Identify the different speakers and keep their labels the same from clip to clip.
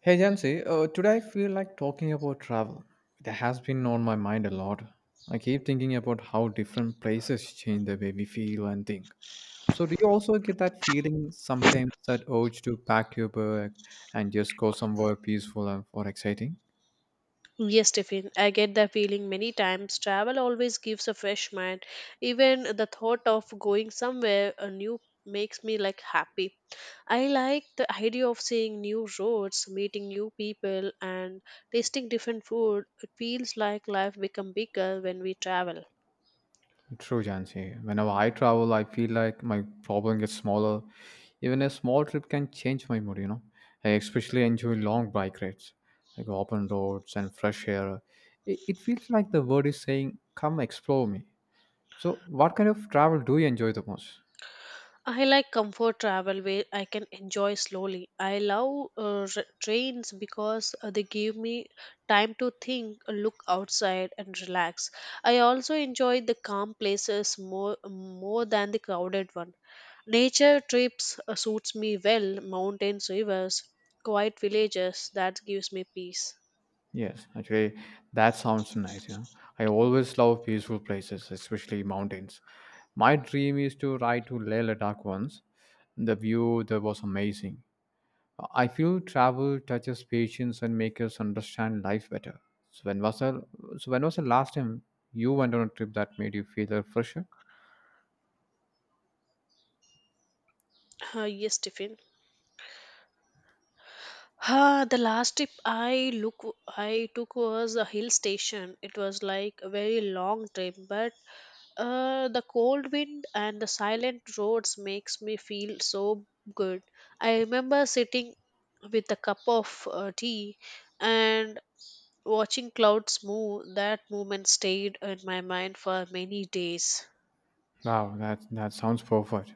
Speaker 1: Hey Jancy, today I feel like talking about travel. It has been on my mind a lot. I keep thinking about how different places change the way we feel and think. So, do you also get that feeling sometimes, that urge to pack your bag and just go somewhere peaceful and or exciting?
Speaker 2: Yes, Tiffin, I get the feeling many times. Travel always gives a fresh mind. Even the thought of going somewhere new makes me like happy. I like the idea of seeing new roads, meeting new people, and tasting different food. It feels like life become bigger when we travel.
Speaker 1: True, Jansi. Whenever I travel, I feel like my problem gets smaller. Even a small trip can change my mood. I especially enjoy long bike rides, like open roads and fresh air. It feels like the world is saying, come explore me. So, what kind of travel do you enjoy the most?
Speaker 2: I like comfort travel where I can enjoy slowly. I love trains because they give me time to think, look outside, and relax. I also enjoy the calm places more than the crowded one. Nature trips suits me well. Mountains, rivers, quiet villages. That gives me peace.
Speaker 1: Yes, actually, that sounds nice. I always love peaceful places, especially mountains. My dream is to ride to Leh Ladakh once. The view there was amazing. I feel travel touches patience and makes us understand life better. So when was the so when was the last time you went on a trip that made you feel a fresher?
Speaker 2: Yes, Tiffin. The last trip I look I took was a hill station. It was like a very long trip, but the cold wind and the silent roads makes me feel so good. I remember sitting with a cup of tea and watching clouds move. That moment stayed in my mind for many days.
Speaker 1: Wow, that sounds perfect.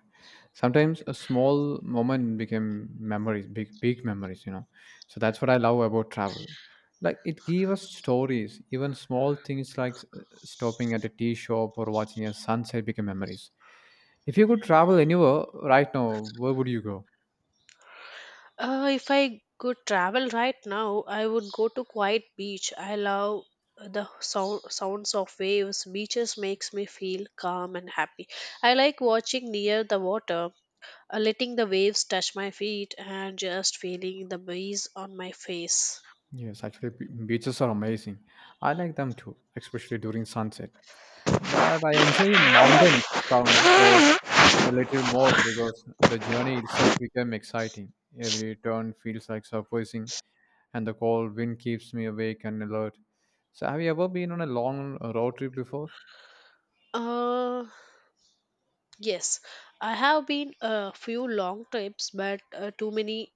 Speaker 1: Sometimes a small moment became memories, big big memories. So that's what I love about travel. Like it gave us stories, even small things like stopping at a tea shop or watching a sunset became memories. If you could travel anywhere right now, where would you go?
Speaker 2: If I could travel right now, I would go to quiet beach. I love the sounds of waves. Beaches makes me feel calm and happy. I like watching near the water, letting the waves touch my feet and just feeling the breeze on my face.
Speaker 1: Yes, actually, beaches are amazing. I like them too, especially during sunset. But I enjoy mountain sound roads a little more because the journey itself became exciting. Every turn feels like surprising, and the cold wind keeps me awake and alert. So, have you ever been on a long road trip before?
Speaker 2: Uh, yes, I have been a few long trips, but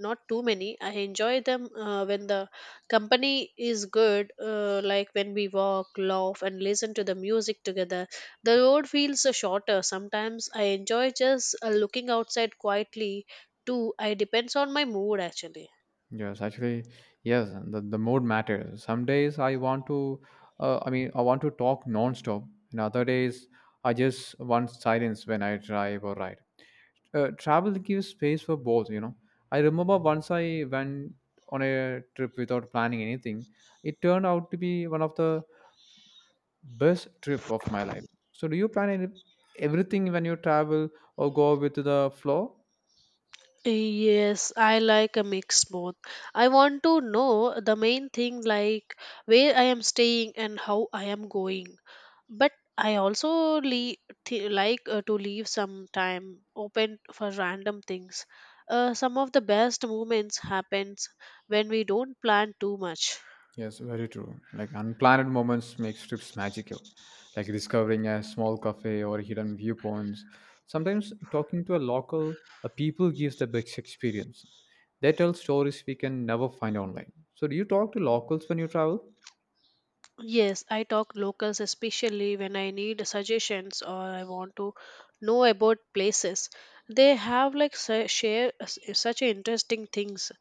Speaker 2: not too many. I enjoy them when the company is good, like when we walk, laugh, and listen to the music together. The road feels shorter. Sometimes I enjoy just looking outside quietly, too. I depends on my mood actually.
Speaker 1: Yes, actually, yes, the mood matters. Some days I want to, I mean, I want to talk non-stop, and other days I just want silence when I drive or ride. Travel gives space for both. I remember once I went on a trip without planning anything. It turned out to be one of the best trip of my life. So do you plan any, everything when you travel or go with the flow?
Speaker 2: Yes, I like a mix both. I want to know the main thing like where I am staying and how I am going. But I also like to leave some time open for random things. Some of the best moments happens when we don't plan too much.
Speaker 1: Yes, very true. Like unplanned moments make trips magical, like discovering a small cafe or hidden viewpoints. Sometimes talking to a local, a people gives the best experience. They tell stories we can never find online. So, do you talk to locals when you travel?
Speaker 2: Yes, I talk locals especially when I need suggestions or I want to know about places. They share such interesting things.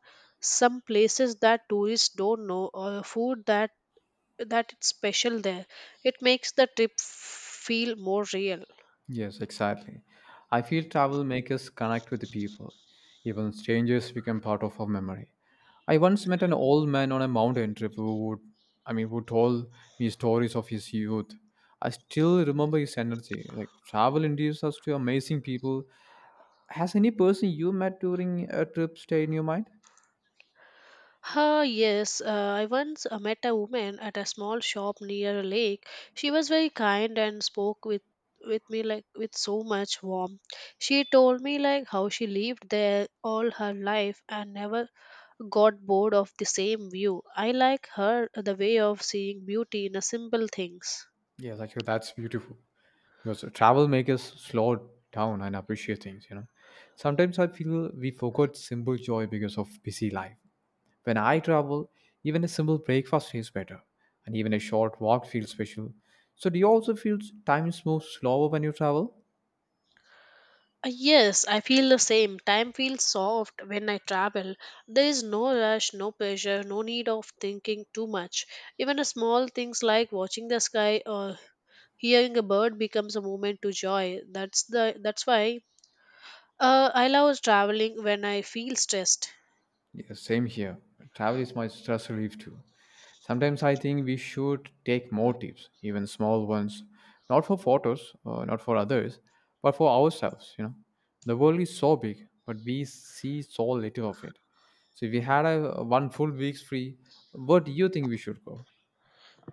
Speaker 2: Some places that tourists don't know or food that it's special there. It makes the trip feel more real.
Speaker 1: Yes, exactly. I feel travel makes us connect with the people. Even strangers become part of our memory. I once met an old man on a mountain trip who would, I mean, who told me stories of his youth. I still remember his energy. Like travel introduces us to amazing people. Has any person you met during a trip stay in your mind?
Speaker 2: Ah, yes. I once met a woman at a small shop near a lake. She was very kind and spoke with me like with so much warmth. She told me like how she lived there all her life and never got bored of the same view. I like her the way of seeing beauty in a simple things.
Speaker 1: Yes, actually, that's beautiful. Because travel makes us slow down and appreciate things. You know, sometimes I feel we forgot simple joy because of busy life. When I travel, even a simple breakfast tastes better, and even a short walk feels special. So, do you also feel time moves slower when you travel?
Speaker 2: Yes, I feel the same. Time feels soft when I travel. There is no rush, no pressure, no need of thinking too much. Even a small things like watching the sky or hearing a bird becomes a moment to joy. That's why I love traveling when I feel stressed.
Speaker 1: Yeah, same here. Travel is my stress relief too. Sometimes I think we should take more tips, even small ones, not for photos, not for others, but for ourselves. You know, the world is so big, but we see so little of it. So if we had a one full week's free, where do you think we should go?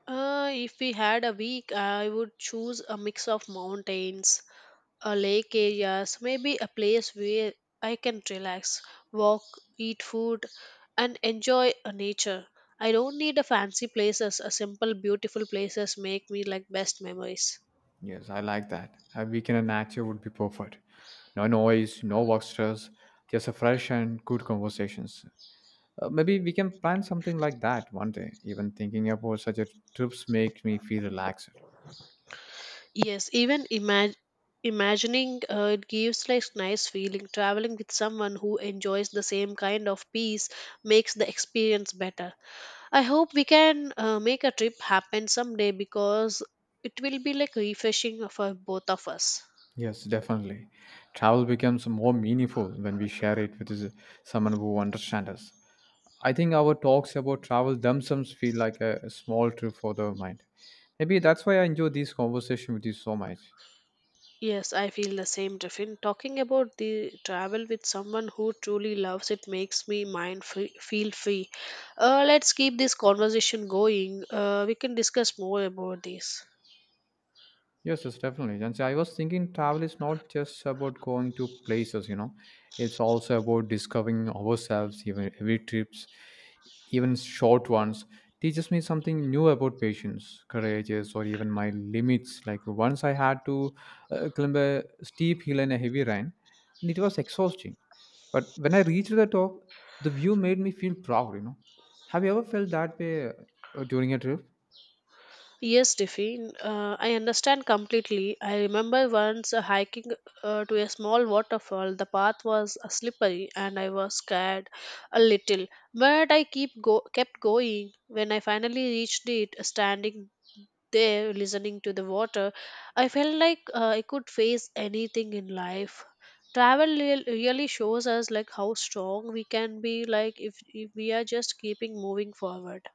Speaker 2: If we had a week, I would choose a mix of mountains, a lake areas, maybe a place where I can relax, walk, eat food, and enjoy a nature. I don't need a fancy places. A simple, beautiful places make me like best memories.
Speaker 1: Yes, I like that. A weekend in nature would be perfect. No noise, no work stress, just a fresh and good conversations. Maybe we can plan something like that one day. Even thinking about such a trips makes me feel relaxed.
Speaker 2: Yes, even imagining it gives like nice feeling. Traveling with someone who enjoys the same kind of peace makes the experience better. I hope we can make a trip happen someday because it will be like refreshing for both of us.
Speaker 1: Yes, definitely. Travel becomes more meaningful when we share it with someone who understands us. I think our talks about travel themselves feel like a small trip for the mind. Maybe that's why I enjoy this conversation with you so much.
Speaker 2: Yes, I feel the same, Tiffin. Talking about the travel with someone who truly loves it makes me feel free. Let's keep this conversation going. We can discuss more about this.
Speaker 1: Yes, yes, definitely. And so I was thinking travel is not just about going to places, you know, it's also about discovering ourselves, even every trips, even short ones, teaches me something new about patience, courageous, or even my limits. Like once I had to climb a steep hill in a heavy rain, and it was exhausting. But when I reached the top, the view made me feel proud. Have you ever felt that way during a trip?
Speaker 2: Yes, Tiffin, I understand completely. I remember once hiking to a small waterfall. The path was slippery and I was scared a little, but I kept going. When I finally reached it, standing there listening to the water, I felt like I could face anything in life. Travel really shows us like how strong we can be like if we are just keeping moving forward.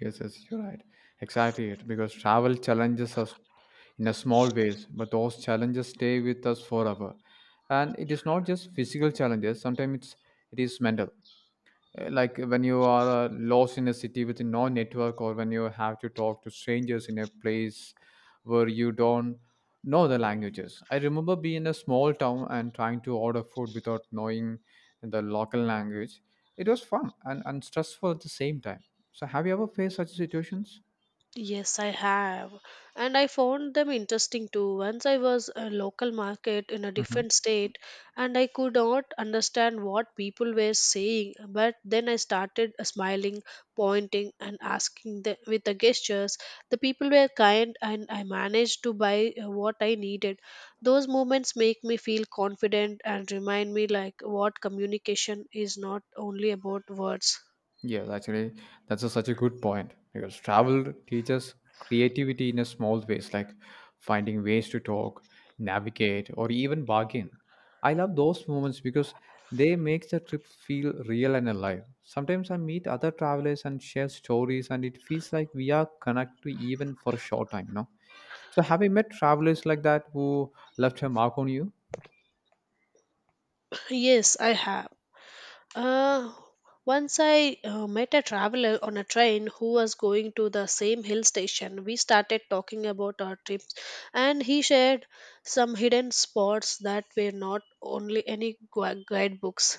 Speaker 1: Yes, yes, you're right. Exactly it. Because travel challenges us in a small ways, but those challenges stay with us forever. And it is not just physical challenges, sometimes it is mental. Like when you are lost in a city with no network, or when you have to talk to strangers in a place where you don't know the languages. I remember being in a small town and trying to order food without knowing the local language. It was fun and stressful at the same time. So, have you ever faced such situations?
Speaker 2: Yes, I have. And I found them interesting too. Once I was a local market in a different state and I could not understand what people were saying, but then I started smiling, pointing and asking with the gestures. The people were kind and I managed to buy what I needed. Those moments make me feel confident and remind me like what communication is not only about words.
Speaker 1: Yes, actually, that's such a good point because travel teaches creativity in a small ways, like finding ways to talk, navigate, or even bargain. I love those moments because they make the trip feel real and alive. Sometimes I meet other travelers and share stories, and it feels like we are connected even for a short time, you know. So, have you met travelers like that who left a mark on you?
Speaker 2: Yes, I have. Uh, Once I met a traveler on a train who was going to the same hill station. We started talking about our trips, and he shared some hidden spots that were not only any guidebooks.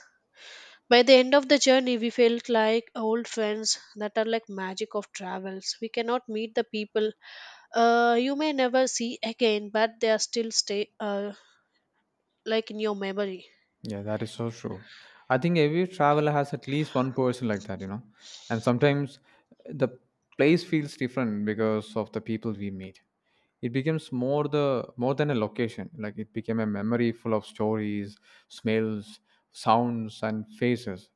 Speaker 2: By the end of the journey, we felt like old friends that are like magic of travels. We cannot meet the people, you may never see again, but they are still stay like in your memory.
Speaker 1: Yeah, that is so true. I think every traveler has at least one person like that, you know. And sometimes the place feels different because of the people we meet. It becomes more than a location. Like it became a memory full of stories, smells, sounds, and faces.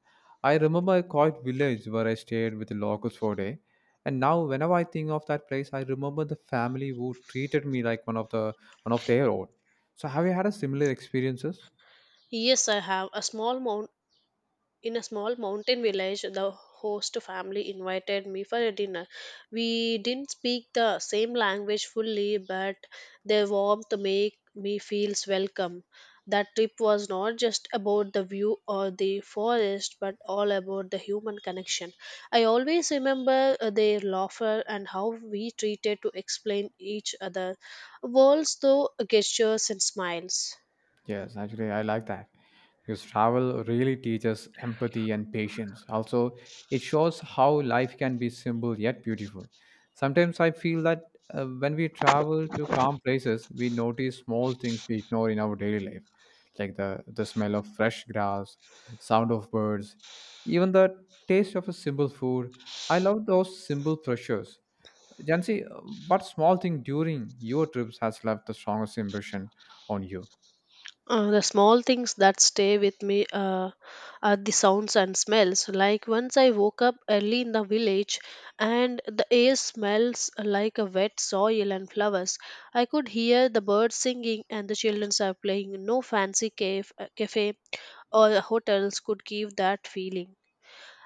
Speaker 1: I remember a quiet village where I stayed with the locals for a day. And now whenever I think of that place, I remember the family who treated me like one of their own. So have you had a similar experiences?
Speaker 2: Yes, I have a small mountain. In a small mountain village, the host family invited me for a dinner. We didn't speak the same language fully, but their warmth made me feel welcome. That trip was not just about the view or the forest, but all about the human connection. I always remember their laughter and how we treated to explain each other worlds through gestures and smiles.
Speaker 1: Yes, actually, I like that because travel really teaches empathy and patience. Also, it shows how life can be simple yet beautiful. Sometimes I feel that when we travel to calm places, we notice small things we ignore in our daily life, like the smell of fresh grass, sound of birds, even the taste of a simple food. I love those simple pleasures. Jansi, what small thing during your trips has left the strongest impression on you?
Speaker 2: The small things that stay with me are the sounds and smells. Like once I woke up early in the village and the air smells like a wet soil and flowers. I could hear the birds singing and the children are playing. No fancy cave, cafe or hotels could give that feeling.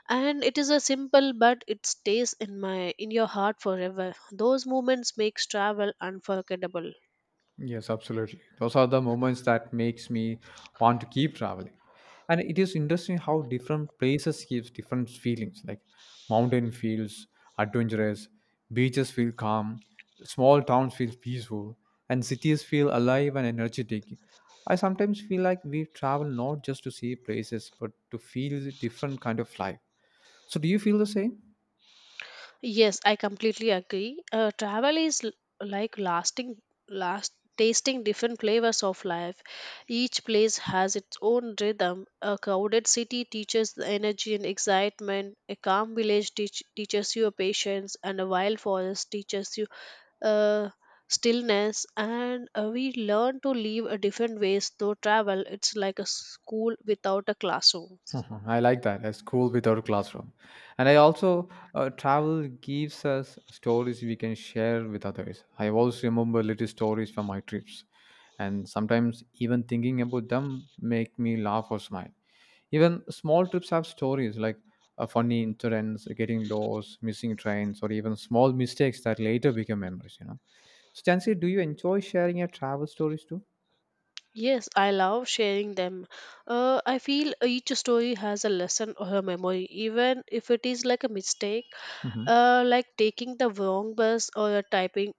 Speaker 2: And it is a simple but it stays in my in your heart forever. Those moments makes travel unforgettable.
Speaker 1: Yes, absolutely. Those are the moments that makes me want to keep traveling. And it is interesting how different places gives different feelings. Like mountain feels adventurous, beaches feel calm, small towns feel peaceful, and cities feel alive and energetic. I sometimes feel like we travel not just to see places, but to feel different kind of life. So do you feel the same?
Speaker 2: Yes, I completely agree. Travel is l- like lasting, last tasting different flavors of life. Each place has its own rhythm. A crowded city teaches the energy and excitement. A calm village teaches you patience, and a wild forest teaches you uh, stillness. And we learn to live a different ways through travel. It's like a school without a classroom.
Speaker 1: Mhm. I like that. A school without a classroom. And I also, travel gives us stories we can share with others. I always remember little stories from my trips. And sometimes even thinking about them make me laugh or smile. Even small trips have stories like funny incidents, getting lost, missing trains, or even small mistakes that later become memories, you know. So, Chansi, do you enjoy sharing your travel stories
Speaker 2: Yes, I love sharing them. I feel each story has a lesson or a memory, even if it is like a mistake,
Speaker 1: too?
Speaker 2: like taking the wrong bus or a typing,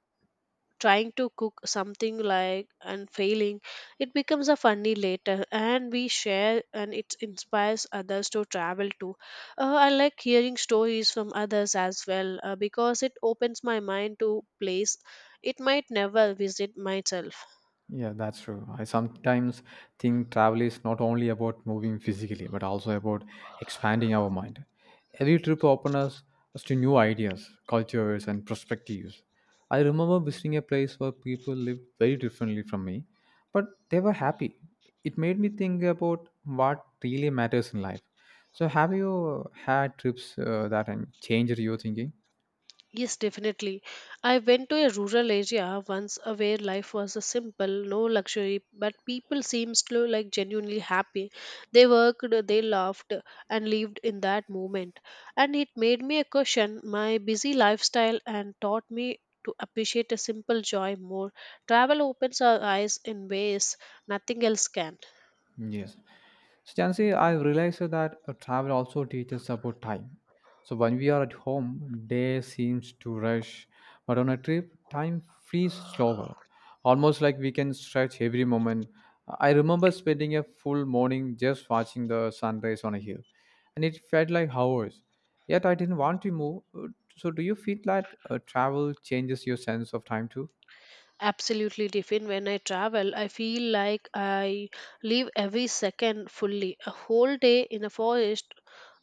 Speaker 2: trying to cook something like and failing. It becomes a funny later, and we share, and it inspires others to travel too. I like hearing stories from others as well because it opens my mind to place it might never visit myself.
Speaker 1: Yeah, that's true. I sometimes think travel is not only about moving physically, but also about expanding our mind. Every trip opens us to new ideas, cultures, and perspectives. I remember visiting a place where people lived very differently from me, but they were happy. It made me think about what really matters in life. So, have you had trips that changed your thinking?
Speaker 2: Yes, definitely. I went to a rural area once where life was a simple, no luxury, but people seemed to like genuinely happy. They worked, they laughed, and lived in that moment. And it made me a question my busy lifestyle and taught me to appreciate a simple joy more. Travel opens our eyes in ways nothing else can.
Speaker 1: Yes. So Jansi, I realized that travel also teaches about time. So when we are at home, day seems to rush, but on a trip, time flees slower, almost like we can stretch every moment. I remember spending a full morning just watching the sunrise on a hill, and it felt like hours. Yet I didn't want to move. So do you feel that travel changes your sense of time too?
Speaker 2: Absolutely, Tiffin. When I travel, I feel like I live every second fully. A whole day in a forest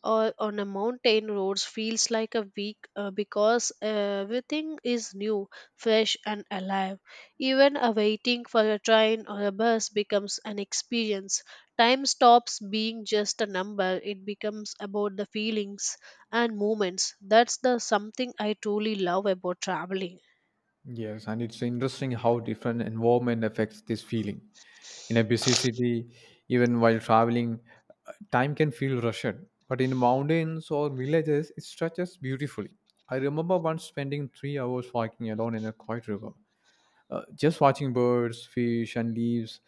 Speaker 2: or on a mountain roads feels like a week because everything is new, fresh, and alive. Even a waiting for a train or a bus becomes an experience. Time stops being just a number; it becomes about the feelings and moments. That's the something I truly love about traveling.
Speaker 1: Yes, and it's interesting how different environment affects this feeling. In a busy city, even while traveling, time can feel rushed. But in mountains or villages, it stretches beautifully. I remember once spending 3 hours walking alone in a quiet river, just watching birds, fish, and leaves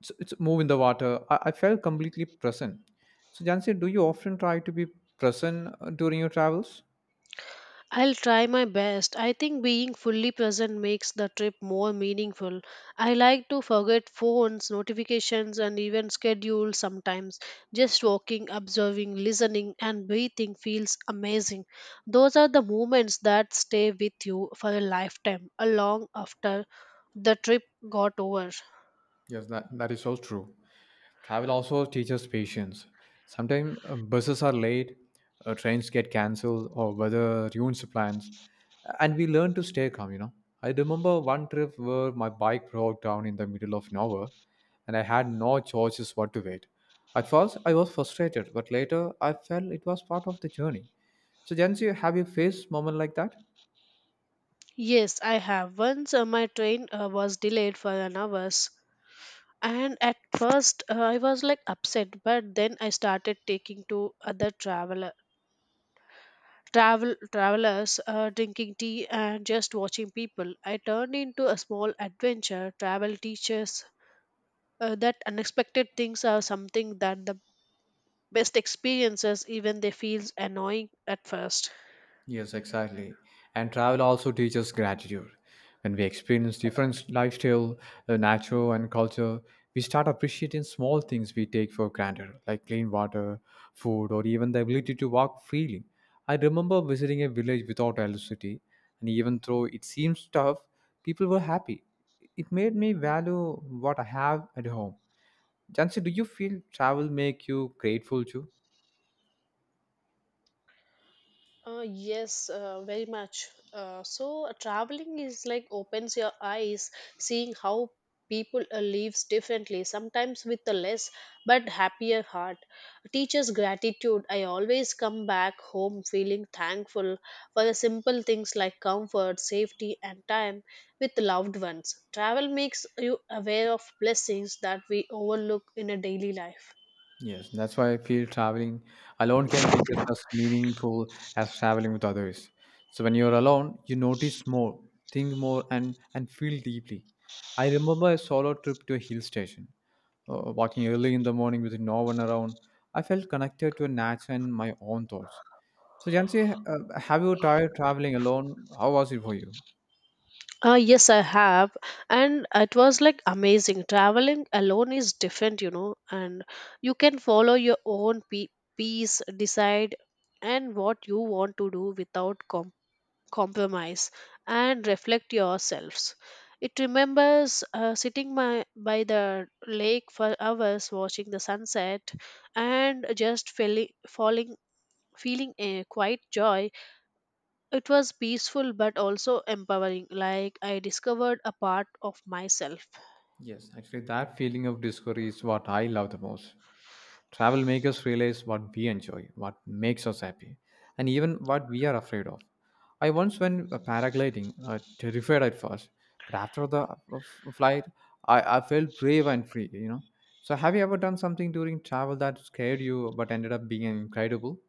Speaker 1: it's move in the water. I felt completely present. So, Jansi, do you often try to be present during your travels?
Speaker 2: I'll try my best. I think being fully present makes the trip more meaningful. I like to forget phones, notifications, and even schedules sometimes. Just walking, observing, listening, and breathing feels amazing. Those are the moments that stay with you for a lifetime, a long after the trip got over.
Speaker 1: Yes, that is so true. Travel also teaches patience. Sometimes buses are late, trains get cancelled, or weather ruins plans. And we learn to stay calm, you know. I remember one trip where my bike broke down in the middle of nowhere, and I had no choices but to wait. At first, I was frustrated, but later I felt it was part of the journey. So, Jansi, have you faced moment like that?
Speaker 2: Yes, I have. Once my train was delayed for an hour, and at first I was like upset but then I started taking to other travelers drinking tea and just watching people I turned into a small adventure travel teaches that unexpected things are something that the best experiences even they feels annoying at first.
Speaker 1: Yes, exactly. And travel also teaches gratitude. When we experience different lifestyle, nature, and culture, we start appreciating small things we take for granted, like clean water, food, or even the ability to walk freely. I remember visiting a village without electricity, and even though it seems tough, people were happy. It made me value what I have at home. Jansi, do you feel travel make you grateful too?
Speaker 2: Yes, very much. Traveling is like opens your eyes, seeing how people lives differently, sometimes with a less but happier heart. Teaches gratitude. I always come back home feeling thankful for the simple things like comfort, safety, and time with loved ones. Travel makes you aware of blessings that we overlook in a daily life.
Speaker 1: Yes, that's why I feel traveling alone can be just as meaningful as traveling with others. So when you're alone, you notice more, think more, and feel deeply. I remember a solo trip to a hill station, walking early in the morning with no one around. I felt connected to nature and my own thoughts. So Jansi, have you tried traveling alone? How was it for you?
Speaker 2: Yes, I have. And it was like amazing. Traveling alone is different, you know, and you can follow your own peace, decide, and what you want to do without compromise and reflect yourselves. It remembers sitting by the lake for hours watching the sunset and just feeling a quiet joy. It was peaceful but also empowering, like I discovered a part of myself.
Speaker 1: Yes, actually, that feeling of discovery is what I love the most. Travel makes us realize what we enjoy, what makes us happy, and even what we are afraid of. I once went paragliding, terrified at first, but after the flight, I felt brave and free. So, have you ever done something during travel that scared you but ended up being incredible?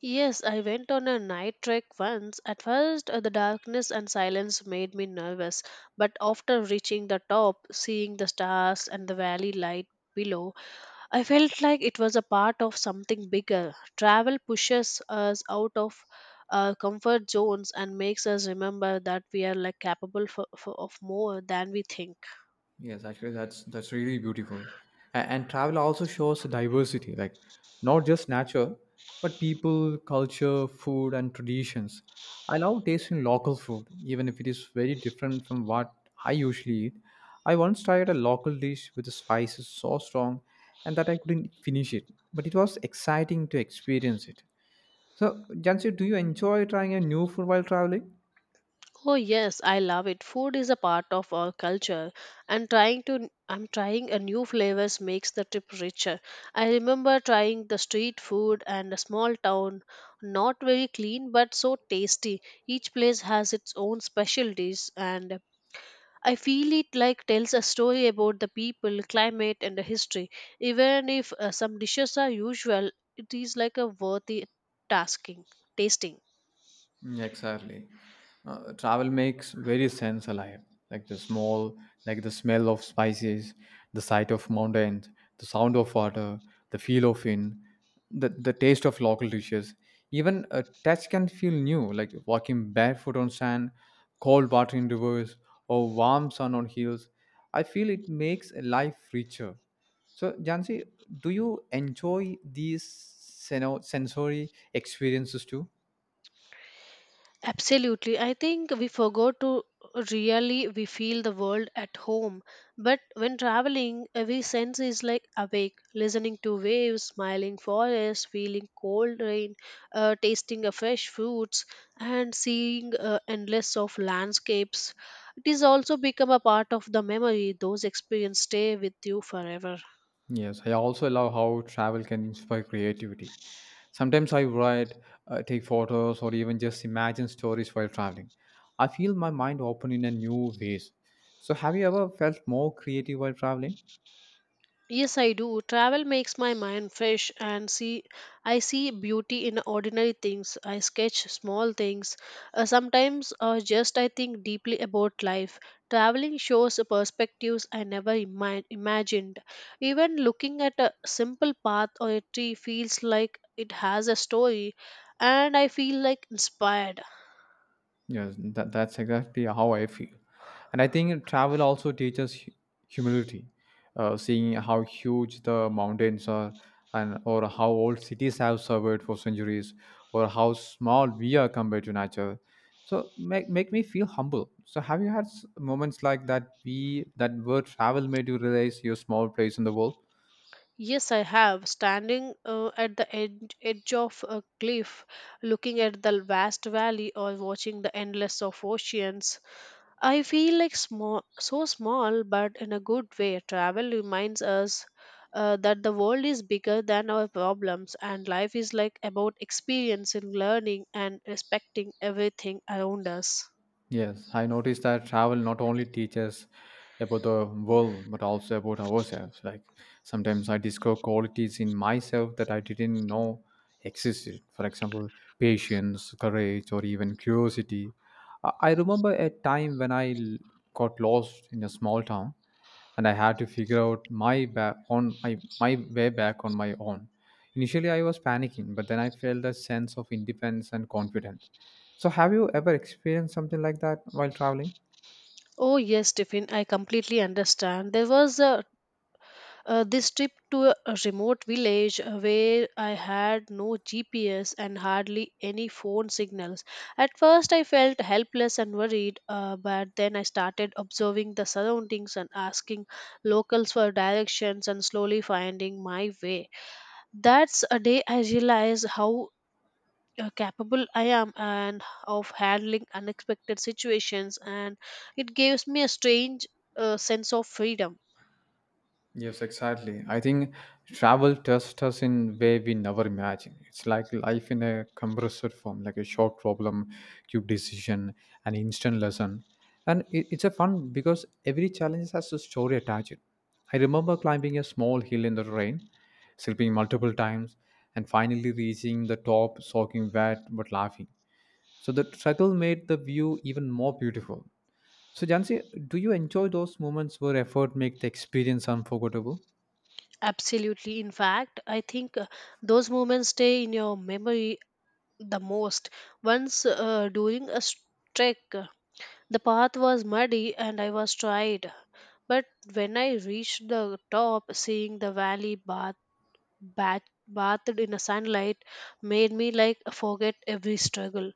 Speaker 2: Yes, I went on a night trek once. At first, the darkness and silence made me nervous, but after reaching the top, seeing the stars and the valley light below, I felt like it was a part of something bigger. Travel pushes us out of our comfort zones and makes us remember that we are like capable of more than we think.
Speaker 1: Yes, actually, that's really beautiful, and travel also shows the diversity, like not just nature, but people, culture, food, and traditions. I love tasting local food, even if it is very different from what I usually eat. I once tried a local dish with the spices so strong, and that I couldn't finish it. But it was exciting to experience it. So, Jansi, do you enjoy trying a new food while traveling?
Speaker 2: Oh yes, I love it. Food is a part of our culture and trying to I'm trying a new flavors makes the trip richer. I remember trying the street food and a small town, not very clean but so tasty. Each place has its own specialties and I feel it like tells a story about the people, climate and the history. Even if some dishes are usual, it is like a worthy tasking, tasting.
Speaker 1: Mm, exactly. Travel makes very sense alive. Like the small, like the smell of spices, the sight of mountains, the sound of water, the feel of wind, the taste of local dishes. Even a touch can feel new, like walking barefoot on sand, cold water in rivers, or warm sun on hills. I feel it makes life richer. So, Jansi, do you enjoy these sensory experiences too?
Speaker 2: Absolutely. I think we forgot to really we feel the world at home. But when traveling, every sense is like awake, listening to waves, smiling forests, feeling cold rain, tasting a fresh fruits, and seeing endless of landscapes. It is also become a part of the memory. Those experiences stay with you forever.
Speaker 1: Yes, I also love how travel can inspire creativity. Sometimes I write, take photos, or even just imagine stories while traveling. I feel my mind open in a new ways. So, have you ever felt more creative while traveling?
Speaker 2: Yes, I do. Travel makes my mind fresh and see I see beauty in ordinary things. I sketch small things. Sometimes just I think deeply about life. Traveling shows perspectives I never imagined. Even looking at a simple path or a tree feels like it has a story and I feel like inspired.
Speaker 1: Yes, that, that's exactly how I feel. And I think travel also teaches humility, seeing how huge the mountains are and or how old cities have survived for centuries or how small we are compared to nature. So make me feel humble. So have you had moments like that we that were travel made you realize your small place in the world?
Speaker 2: Yes, I have. Standing at the edge of a cliff, looking at the vast valley or watching the endless of oceans, I feel like small, so small, but in a good way. Travel reminds us that the world is bigger than our problems, and life is like about experiencing, learning, and respecting everything around us.
Speaker 1: Yes, I noticed that travel not only teaches about the world but also about ourselves. Like sometimes I discover qualities in myself that I didn't know existed. For example, patience, courage, or even curiosity. I remember a time when got lost in a small town and I had to figure out my back on my way back on my own. Initially, I was panicking, but then I felt a sense of independence and confidence. So, have you ever experienced something like that while traveling?
Speaker 2: Oh yes, Tiffin, I completely understand. There was a This trip to a remote village where I had no GPS and hardly any phone signals. At first, I felt helpless and worried, but then I started observing the surroundings and asking locals for directions and slowly finding my way. That's a day I realized how capable I am and of handling unexpected situations, and it gives me a strange sense of freedom.
Speaker 1: Yes, exactly. I think travel tests us in way we never imagined. It's like life in a compressor form, like a short problem, quick decision, an instant lesson. And it's a fun because every challenge has a story attached. I remember climbing a small hill in the rain, sleeping multiple times, and finally reaching the top, soaking wet but laughing. So the struggle made the view even more beautiful. So, Jansi, do you enjoy those moments where effort make the experience unforgettable?
Speaker 2: Absolutely. In fact, I think those moments stay in your memory the most. Once during a trek, the path was muddy and I was tired. But when I reached the top, seeing the valley bat- bathed in a sunlight made me like forget every struggle.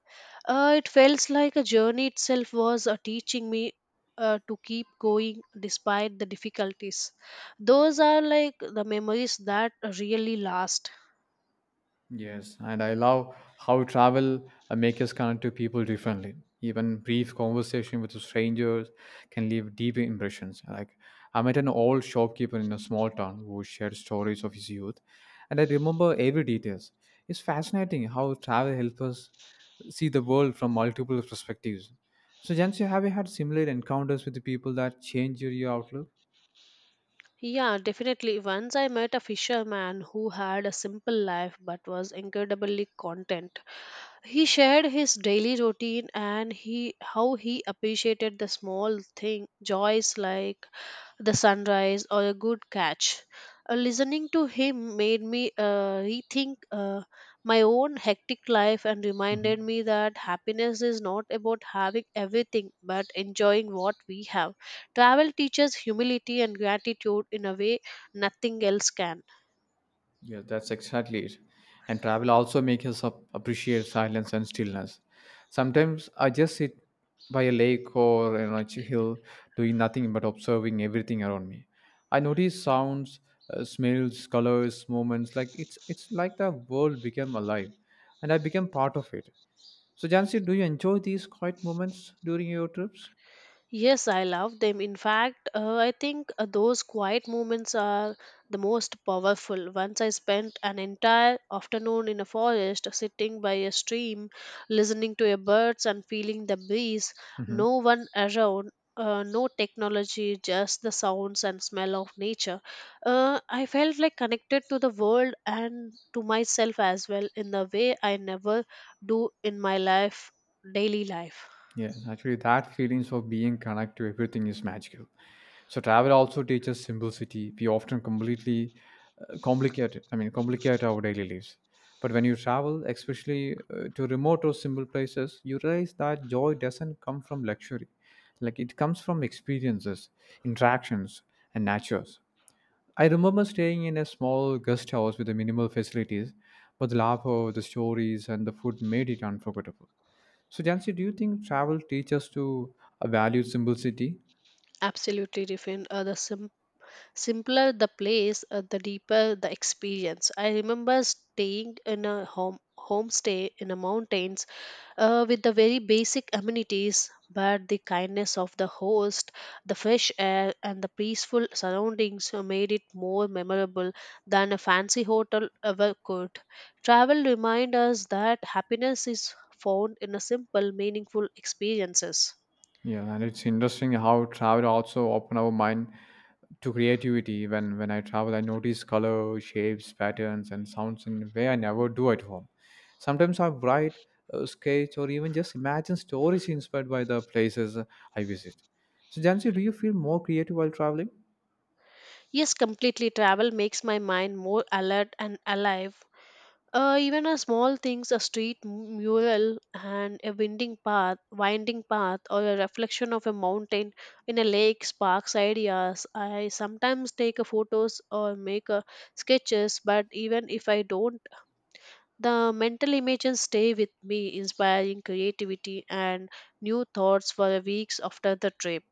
Speaker 2: It felt like a journey itself was teaching me to keep going despite the difficulties. Those are like the memories that really last.
Speaker 1: Yes, and I love how travel makes us connect to people differently. Even brief conversation with strangers can leave deep impressions. Like I met an old shopkeeper in a small town who shared stories of his youth, and I remember every details. It's fascinating how travel helps us see the world from multiple perspectives. So, Jansi, have you had similar encounters with the people that change your outlook?
Speaker 2: Yeah, definitely. Once I met a fisherman who had a simple life but was incredibly content. He shared his daily routine and he how he appreciated the small thing joys like the sunrise or a good catch. Listening to him made me rethink my own hectic life and reminded
Speaker 1: Mhm.
Speaker 2: me that happiness is not about having everything but enjoying what we have. Travel teaches humility and gratitude in a way nothing else can.
Speaker 1: Yeah, that's exactly it. And travel also makes us appreciate silence and stillness. Sometimes I just sit by a lake or you know, a hill doing nothing but observing everything around me. I notice sounds, smells, colors, moments like it's like the world became alive and I became part of it. So Jansi, do you enjoy these quiet moments during your trips?
Speaker 2: Yes, I love them. In fact, I think those quiet moments are the most powerful. Once I spent an entire afternoon in a forest, sitting by a stream, listening to a birds and feeling the breeze.
Speaker 1: Mm-hmm.
Speaker 2: No one around, no technology, just the sounds and smell of nature. I felt like connected to the world and to myself as well in the way I never do in my life, daily life
Speaker 1: Yes, actually that feelings of being connected to everything is magical. So travel also teaches simplicity. We often completely complicate. I mean, complicate our daily lives. But when you travel, especially to remote or simple places, you realize that joy doesn't come from luxury. Like it comes from experiences, interactions, and natures. I remember staying in a small guest house with the minimal facilities, but the laughter, the stories, and the food made it unforgettable. So, Jansi, do you think travel teaches to value simplicity?
Speaker 2: absolutely different. The simple Simpler the place, the deeper the experience. I remember staying in a homestay in the mountains with the very basic amenities, but the kindness of the host, the fresh air, and the peaceful surroundings made it more memorable than a fancy hotel ever could. Travel reminds us that happiness is found in a simple, meaningful experiences.
Speaker 1: Yeah, and it's interesting how travel also open our mind to creativity. When I travel, I notice color, shapes, patterns, and sounds in a way I never do at home. Sometimes I write, sketch, or even just imagine stories inspired by the places I visit. So, Jansi, do you feel more creative while traveling?
Speaker 2: Yes, completely. Travel makes my mind more alert and alive. Even a small things, a street mural and a winding path, or a reflection of a mountain in a lake sparks ideas. I sometimes take a photos or make a sketches, but even if I don't, the mental images stay with me, inspiring creativity and new thoughts for weeks after the trip.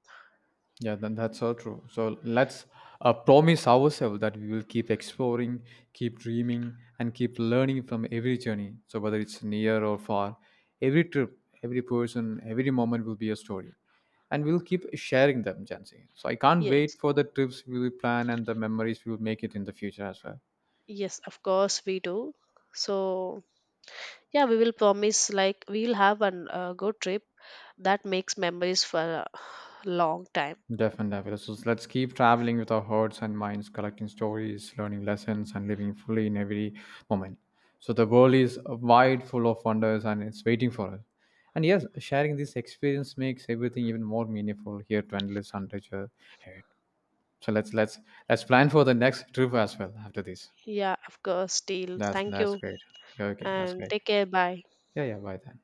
Speaker 1: Yeah, then that's so true. So let's promise ourselves that we will keep exploring, keep dreaming, and keep learning from every journey. So whether it's near or far, every trip, every person, every moment will be a story, and we'll keep sharing them, Jansi. So I can't wait
Speaker 2: Yes,
Speaker 1: for the trips we will plan and the memories we will make it in the future as well.
Speaker 2: yes, of course we do. So yeah, we will promise like we'll have an good trip that makes memories for a long time.
Speaker 1: Definitely. So let's keep traveling with our hearts and minds, collecting stories, learning lessons, and living fully in every moment. So the world is wide, full of wonders, and it's waiting for us. And yes, sharing this experience makes everything even more meaningful here to Endless and Richer Ahead. So let's plan for the next trip as well after this.
Speaker 2: Yeah, of course, deal.
Speaker 1: That's
Speaker 2: Thank
Speaker 1: that's
Speaker 2: you
Speaker 1: great. Yeah, okay, that's
Speaker 2: and
Speaker 1: great.
Speaker 2: take care. Bye.
Speaker 1: Yeah, yeah. Bye then.